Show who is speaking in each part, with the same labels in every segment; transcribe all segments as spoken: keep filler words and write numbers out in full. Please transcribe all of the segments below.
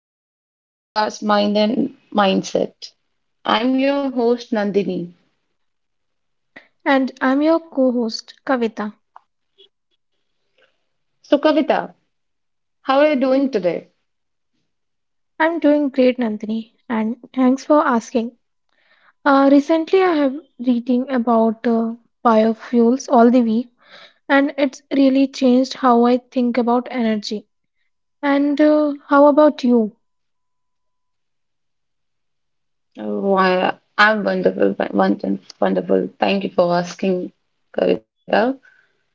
Speaker 1: welcome back to the podcast Mind and Mindset. I'm your host, Nandini.
Speaker 2: And I'm your co host, Kavita.
Speaker 1: So, Kavita, how are you doing today?
Speaker 2: I'm doing great, Nandini, and thanks for asking. Uh, recently, I have reading about uh, biofuels all the week, and it's really changed how I think about energy. And uh, how about you?
Speaker 1: Oh, I, I'm wonderful, wonderful, wonderful. Thank you for asking, Kavita.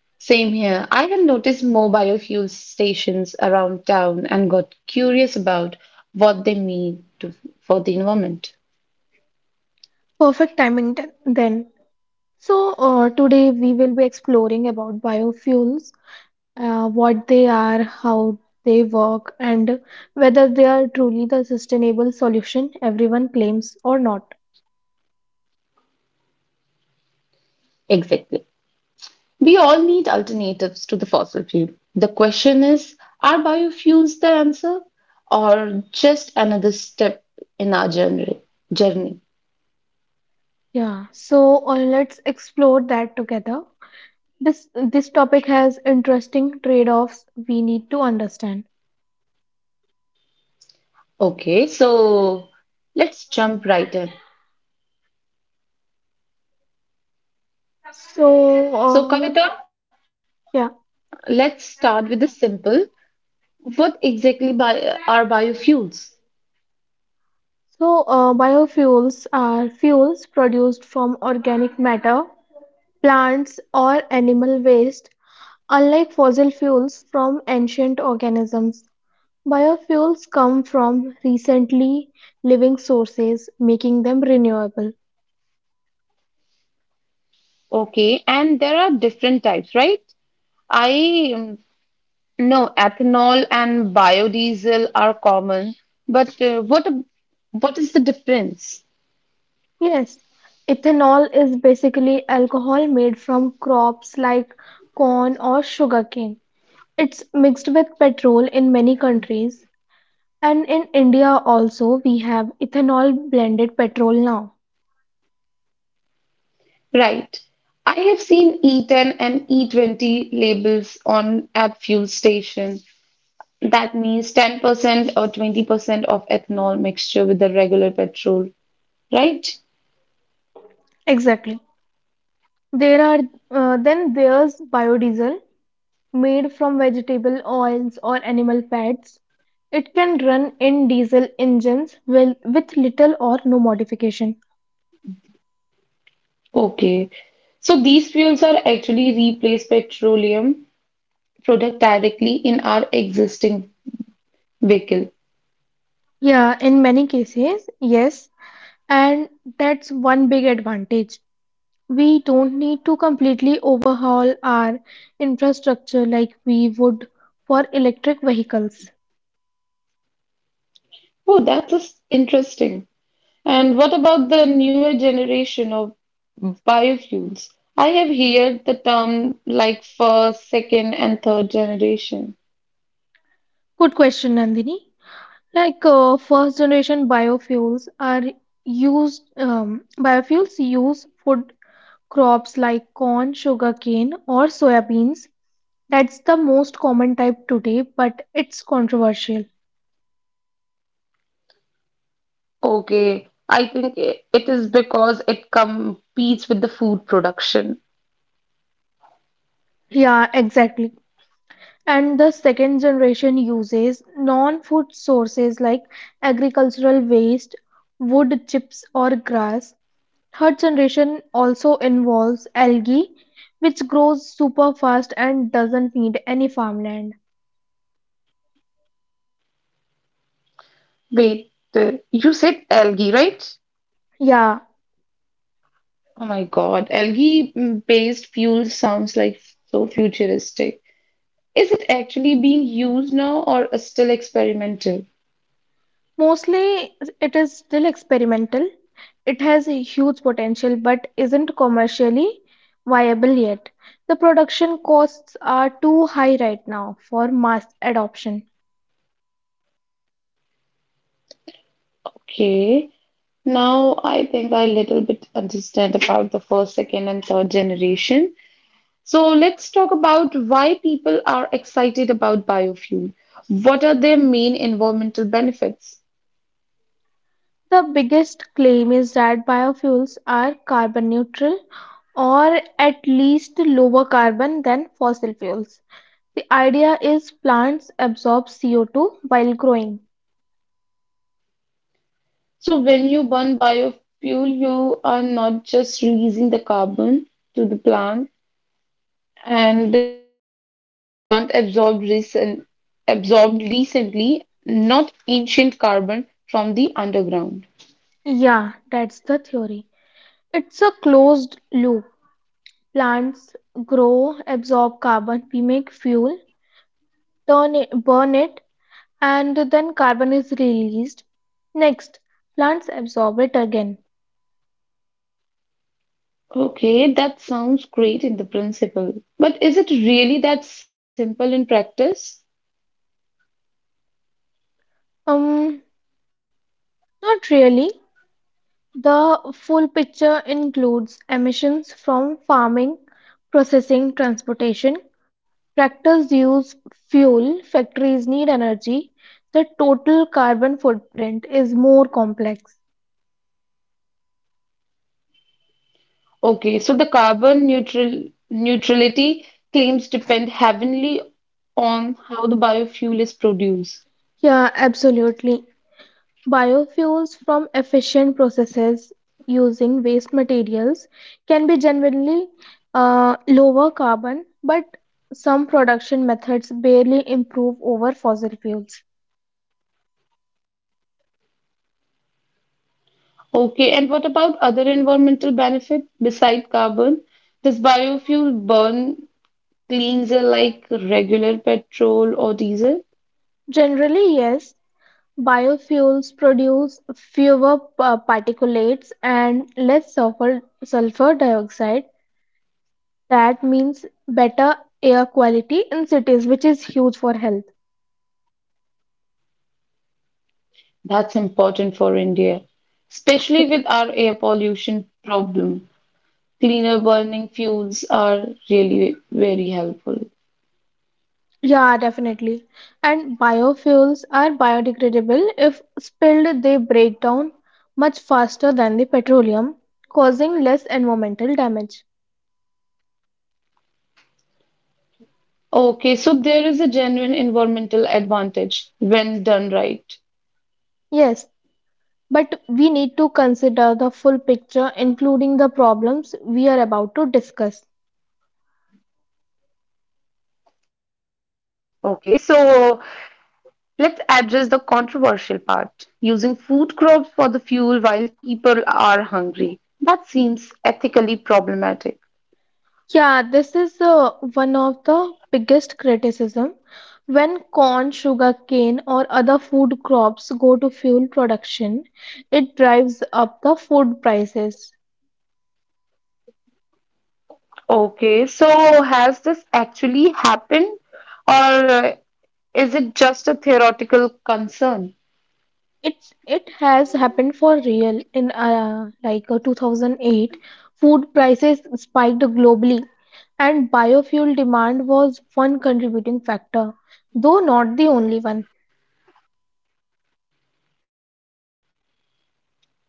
Speaker 1: Same here. I have noticed more biofuel stations around town and got curious about what they mean to, for the environment.
Speaker 2: Perfect timing th- then. So, uh, today we will be exploring about biofuels, uh, what they are, how they work, and whether they are truly the sustainable solution everyone claims or not.
Speaker 1: Exactly. We all need alternatives to the fossil fuel. The question is, are biofuels the answer or just another step in our journey? journey?
Speaker 2: Yeah, so uh, let's explore that together. This this topic has interesting trade-offs we need to understand.
Speaker 1: Okay, so let's jump right in.
Speaker 2: So,
Speaker 1: So,
Speaker 2: uh,
Speaker 1: Kavita,
Speaker 2: yeah.
Speaker 1: let's start with the simple. What exactly bi- are biofuels?
Speaker 2: So, uh, biofuels are fuels produced from organic matter, plants, or animal waste. Unlike fossil fuels from ancient organisms, biofuels come from recently living sources, making them renewable.
Speaker 1: Okay, and there are different types, right? I um, know ethanol and biodiesel are common, but uh, what ab- what is the difference?
Speaker 2: Yes, ethanol is basically alcohol made from crops like corn or sugarcane. It's mixed with petrol in many countries, and in India also we have ethanol blended petrol now.
Speaker 1: Right. I have seen E ten and E twenty labels on at fuel station. That means ten percent or twenty percent of ethanol mixture with the regular petrol, right?
Speaker 2: Exactly. There are uh, Then there's biodiesel made from vegetable oils or animal fats. It can run in diesel engines with, with little or no modification.
Speaker 1: Okay. So these fuels are actually replace petroleum product directly in our existing vehicle.
Speaker 2: Yeah, in many cases, yes. And that's one big advantage. We don't need to completely overhaul our infrastructure like we would for electric vehicles.
Speaker 1: Oh, that's just interesting. And what about the newer generation of biofuels? I have heard the term like first, second, and third generation.
Speaker 2: Good question, Nandini. Like uh, first generation biofuels are used, um, biofuels use food crops like corn, sugarcane, or soybeans. That's the most common type today, but it's controversial.
Speaker 1: Okay, I think i- it is because it competes with the food production.
Speaker 2: Yeah, exactly. And the second generation uses non food sources like agricultural waste, wood chips, or grass. Third generation also involves algae, which grows super fast and doesn't need any farmland.
Speaker 1: Wait, the, you said algae, right?
Speaker 2: Yeah,
Speaker 1: Oh my God, algae-based fuel sounds like so futuristic. Is it actually being used now or still experimental?
Speaker 2: mostly it is still experimental. It has a huge potential but isn't commercially viable yet. The production costs are too high right now for mass adoption.
Speaker 1: Okay. Now I think I little bit understand about the first, second, and third generation. So let's talk about why people are excited about biofuel. What are their main environmental benefits?
Speaker 2: The biggest claim is that biofuels are carbon neutral or at least lower carbon than fossil fuels. The idea is plants absorb C O two while growing.
Speaker 1: So when you burn biofuel, you are not just releasing the carbon to the plant, and the plant absorbed recent absorbed recently, not ancient carbon from the underground.
Speaker 2: Yeah, that's the theory. It's a closed loop. Plants grow, absorb carbon, we make fuel, turn it, burn it, and then carbon is released. Next, plants absorb it again.
Speaker 1: Okay, that sounds great in the principle, but is it really that simple in practice?
Speaker 2: Um, Not really. The full picture includes emissions from farming, processing, transportation. Tractors use fuel, factories need energy. The total carbon footprint is more complex.
Speaker 1: Okay, so the carbon neutral neutrality claims depend heavily on how the biofuel is produced.
Speaker 2: Yeah, absolutely. Biofuels from efficient processes using waste materials can be generally uh, lower carbon, but some production methods barely improve over fossil fuels.
Speaker 1: Okay, and what about other environmental benefit beside carbon? Does biofuel burn cleans air like regular petrol or diesel?
Speaker 2: Generally, yes, biofuels produce fewer pa- particulates and less sulfur, sulfur dioxide. That means better air quality in cities, which is huge for health.
Speaker 1: That's important for India, especially with our air pollution problem. Cleaner burning fuels are really very helpful.
Speaker 2: Yeah, definitely. And biofuels are biodegradable. If spilled, they break down much faster than the petroleum, causing less environmental damage.
Speaker 1: Okay, so there is a genuine environmental advantage when done right.
Speaker 2: Yes, but we need to consider the full picture, including the problems we are about to discuss.
Speaker 1: Okay, so let's address the controversial part. Using food crops for the fuel while people are hungry. That seems ethically problematic.
Speaker 2: Yeah, this is uh, one of the biggest criticism when corn, sugarcane or other food crops go to fuel production, it drives up the food prices.
Speaker 1: Okay, so has this actually happened or is it just a theoretical concern?
Speaker 2: It it has happened for real in uh, like uh, two thousand eight food prices spiked globally and biofuel demand was one contributing factor, though not the only one.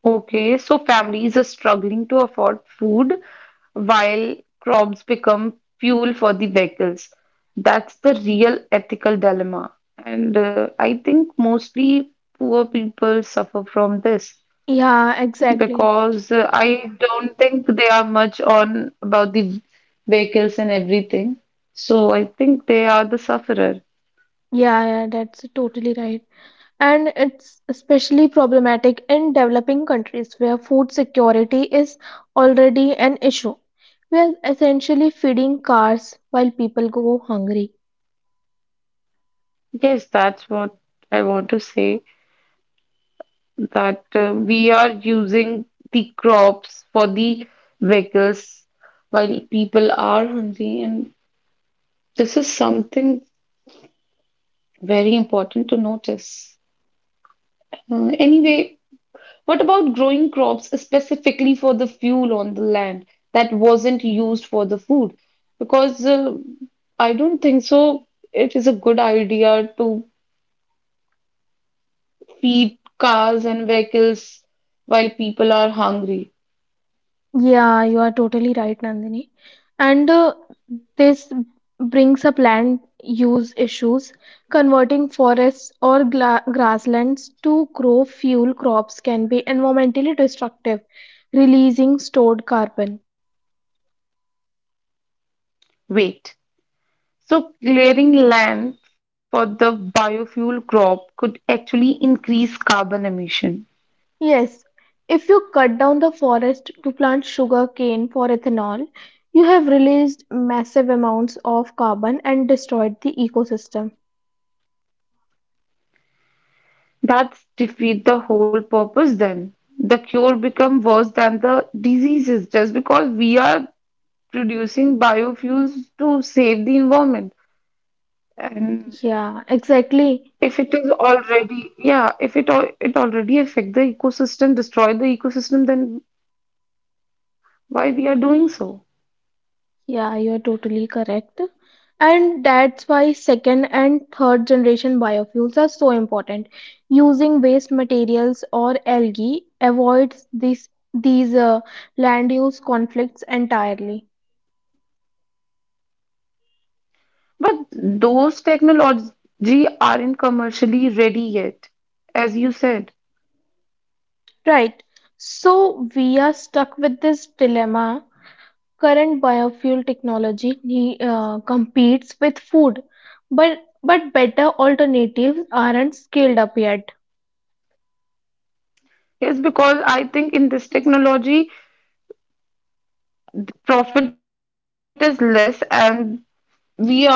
Speaker 1: Okay, so families are struggling to afford food while crops become fuel for the vehicles. That's the real ethical dilemma. And uh, I think mostly poor people suffer from this
Speaker 2: Yeah, exactly.
Speaker 1: because uh, I don't think they are much on about the vehicles and everything. So I think they are the sufferer.
Speaker 2: Yeah, yeah, that's totally right. And it's especially problematic in developing countries where food security is already an issue. We are essentially feeding cars while people go hungry.
Speaker 1: Yes, that's what I want to say, that uh, we are using the crops for the vehicles while people are hungry, and this is something very important to notice. Uh, anyway, what about growing crops specifically for the fuel on the land that wasn't used for the food? Because uh, I don't think so. It is a good idea to feed cars and vehicles while people are hungry.
Speaker 2: Yeah, you are totally right, Nandini. And uh, this brings up land use issues. Converting forests or gla- grasslands to grow fuel crops can be environmentally destructive, releasing stored carbon.
Speaker 1: Wait. So, clearing land for the biofuel crop could actually increase carbon emission.
Speaker 2: Yes, if you cut down the forest to plant sugar cane for ethanol, you have released massive amounts of carbon and destroyed the ecosystem.
Speaker 1: That's defeat the whole purpose then. The cure become worse than the diseases just because we are producing biofuels to save the environment. And
Speaker 2: Yeah, exactly.
Speaker 1: if it is already, yeah, if it al- it already affect the ecosystem, destroy the ecosystem, then why we are doing so?
Speaker 2: Yeah, you're totally correct. And that's why second and third generation biofuels are so important. Using waste materials or algae avoids this, these uh, land use conflicts entirely.
Speaker 1: But those technology aren't commercially ready yet, as you said.
Speaker 2: Right. So we are stuck with this dilemma. Current biofuel technology ne- uh, competes with food, but but better alternatives aren't scaled up yet.
Speaker 1: Yes, because I think in this technology, profit is less and we are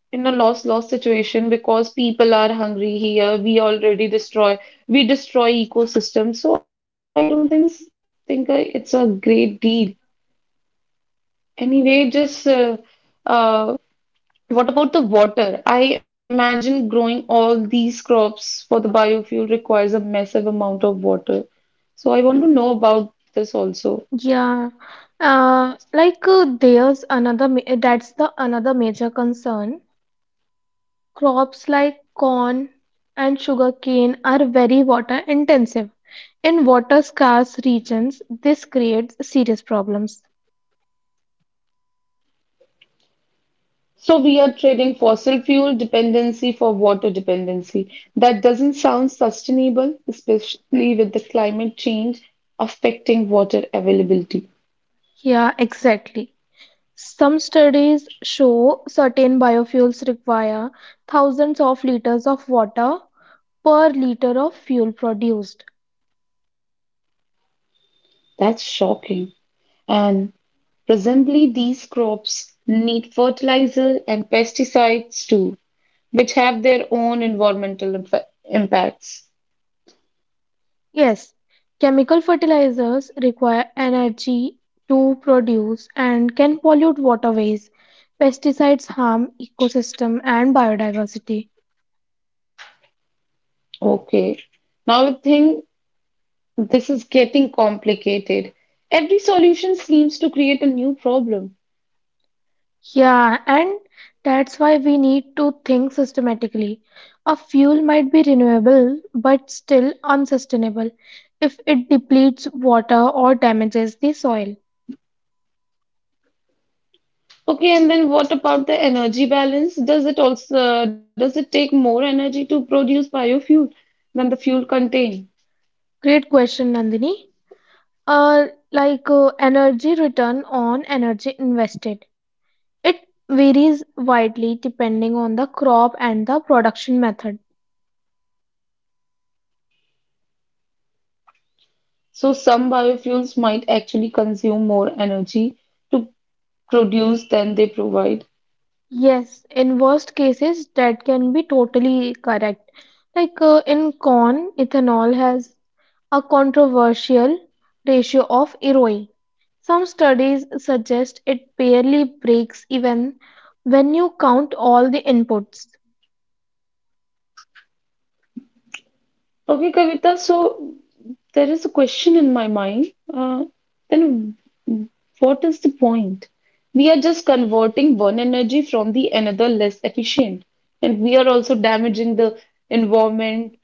Speaker 1: in a loss loss situation because people are hungry here. We already destroy, we destroy ecosystems. So I don't think think it's a great deal. Anyway, just uh, uh, what about the water? I imagine growing all these crops for the biofuel requires a massive amount of water. So I want to know about this also.
Speaker 2: Yeah, uh, like uh, there's another ma- that's the another major concern. Crops like corn and sugarcane are very water intensive. In water scarce regions, this creates serious problems.
Speaker 1: So we are trading fossil fuel dependency for water dependency. That doesn't sound sustainable, especially with the climate change affecting water availability.
Speaker 2: Yeah, exactly. Some studies show certain biofuels require thousands of liters of water per liter of fuel produced.
Speaker 1: That's shocking. And presumably these crops need fertilizer and pesticides too, which have their own environmental impa- impacts.
Speaker 2: Yes, chemical fertilizers require energy to produce and can pollute waterways. Pesticides harm ecosystem and biodiversity.
Speaker 1: Okay. Now I think this is getting complicated. Every solution seems to create a new problem.
Speaker 2: Yeah, and that's why we need to think systematically. A fuel might be renewable but still unsustainable if it depletes water or damages the soil.
Speaker 1: Okay, and then what about the energy balance? Does it also does it take more energy to produce biofuel than the fuel contained?
Speaker 2: Great question, Nandini. Uh, like uh, Energy return on energy invested. It varies widely depending on the crop and the production method.
Speaker 1: So some biofuels might actually consume more energy to produce than they provide.
Speaker 2: Yes, in worst cases, that can be totally correct. Like uh, in corn, ethanol has a controversial ratio of R O E. Some studies suggest it barely breaks even when you count all the inputs.
Speaker 1: Okay, Kavita, so there is a question in my mind. Uh, then what is the point? We are just converting one energy from the another less efficient, and we are also damaging the environment,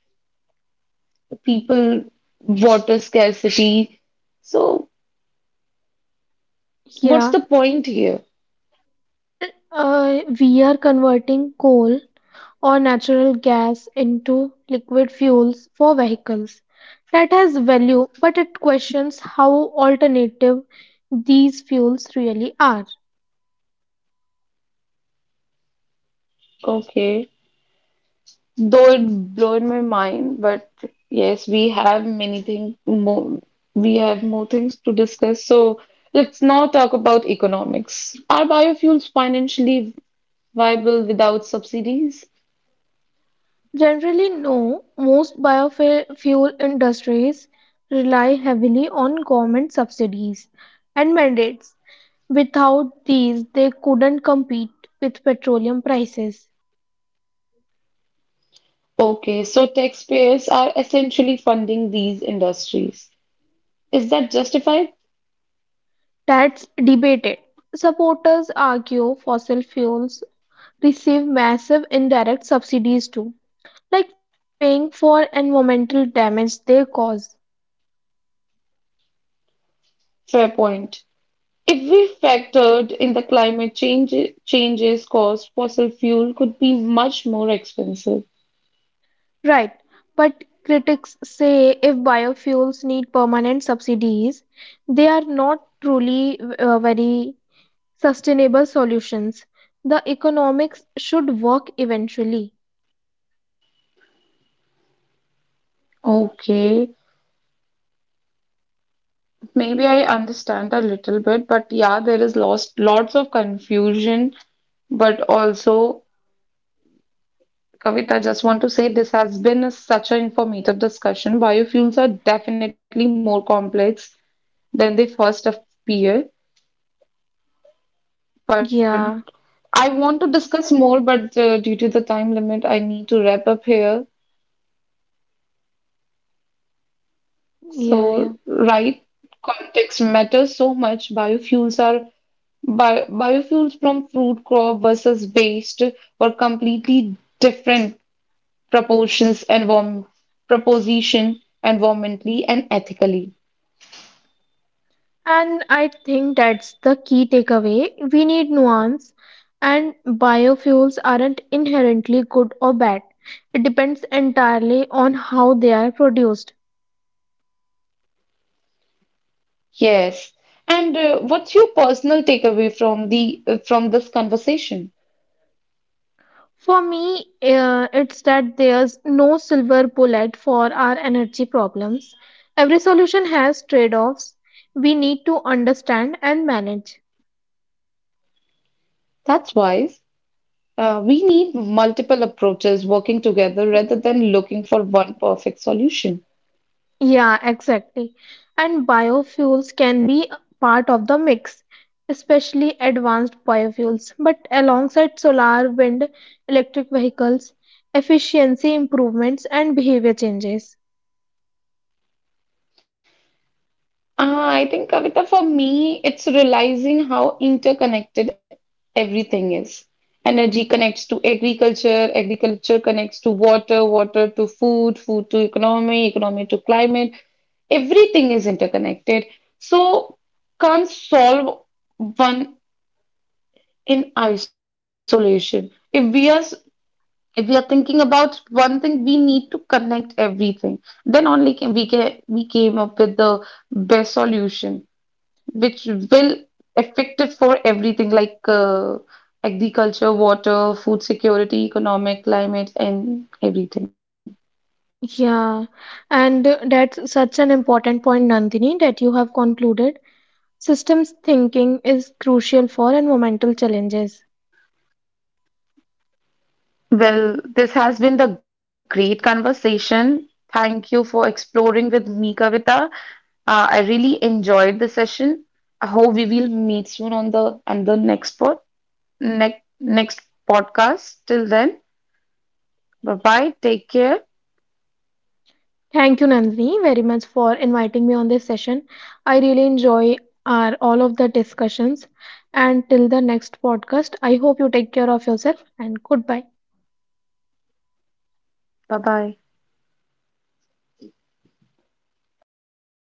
Speaker 1: people, water scarcity. So what's
Speaker 2: Yeah,
Speaker 1: the point here?
Speaker 2: well, uh, we are converting coal or natural gas into liquid fuels for vehicles. That has value, but it questions how alternative these fuels really are.
Speaker 1: Okay. Though it blown my mind, but yes, we have many things more. We have more things to discuss. So let's now talk about economics. Are biofuels financially viable without subsidies?
Speaker 2: Generally, no, most biofuel industries rely heavily on government subsidies and mandates. Without these, they couldn't compete with petroleum prices.
Speaker 1: Okay, so taxpayers are essentially funding these industries. Is that justified?
Speaker 2: That's debated. Supporters argue fossil fuels receive massive indirect subsidies too, like not paying for environmental damage they cause.
Speaker 1: Fair point. If we factored in the climate change changes caused, fossil fuel could be much more expensive.
Speaker 2: Right, but critics say if biofuels need permanent subsidies, they are not truly uh, very sustainable solutions. The economics should work eventually.
Speaker 1: Okay. Maybe I understand a little bit, but yeah, there is lost lots of confusion. But also, Kavita, just want to say this has been a, such an informative discussion. Biofuels are definitely more complex than they first appear. But
Speaker 2: Yeah,
Speaker 1: I want to discuss more, but uh, due to the time limit, I need to wrap up here.
Speaker 2: yeah, yeah.
Speaker 1: So, right, context matters so much. Biofuels are Bi biofuels from fruit crop versus waste were completely different proportions and proposition environmentally and ethically.
Speaker 2: And I think that's the key takeaway. We need nuance, and biofuels aren't inherently good or bad. It depends entirely on how they are produced.
Speaker 1: Yes. And uh, what's your personal takeaway from the uh, from this conversation?
Speaker 2: For me, uh, it's that there's no silver bullet for our energy problems. Every solution has trade offs we need to understand and manage.
Speaker 1: That's wise. Uh, we need multiple approaches working together rather than looking for one perfect solution.
Speaker 2: Yeah, exactly. And biofuels can be part of the mix, especially advanced biofuels. But alongside solar, wind, electric vehicles, efficiency improvements and behavior changes.
Speaker 1: Ah, I think, Kavita, for me, it's realizing how interconnected everything is. Energy connects to agriculture, agriculture connects to water, water to food, food to economy, economy to climate. Everything is interconnected. So, can't solve one in isolation. If we are if we are thinking about one thing, we need to connect everything. Then only can we get we came up with the best solution which will effective for everything like uh, agriculture, water, food security, economic, climate, and everything.
Speaker 2: Yeah, and that's such an important point, Nandini, that you have concluded. Systems thinking is crucial for environmental challenges.
Speaker 1: Well, this has been the great conversation. Thank you for exploring with me, Kavita. Uh, I really enjoyed the session. I hope we will meet soon on the and the next pod next next podcast. Till then, bye bye. Take care.
Speaker 2: Thank you, Nandini, very much for inviting me on this session. I really enjoy our all of the discussions. And till the next podcast, I hope you take care of yourself and goodbye.
Speaker 1: Bye bye.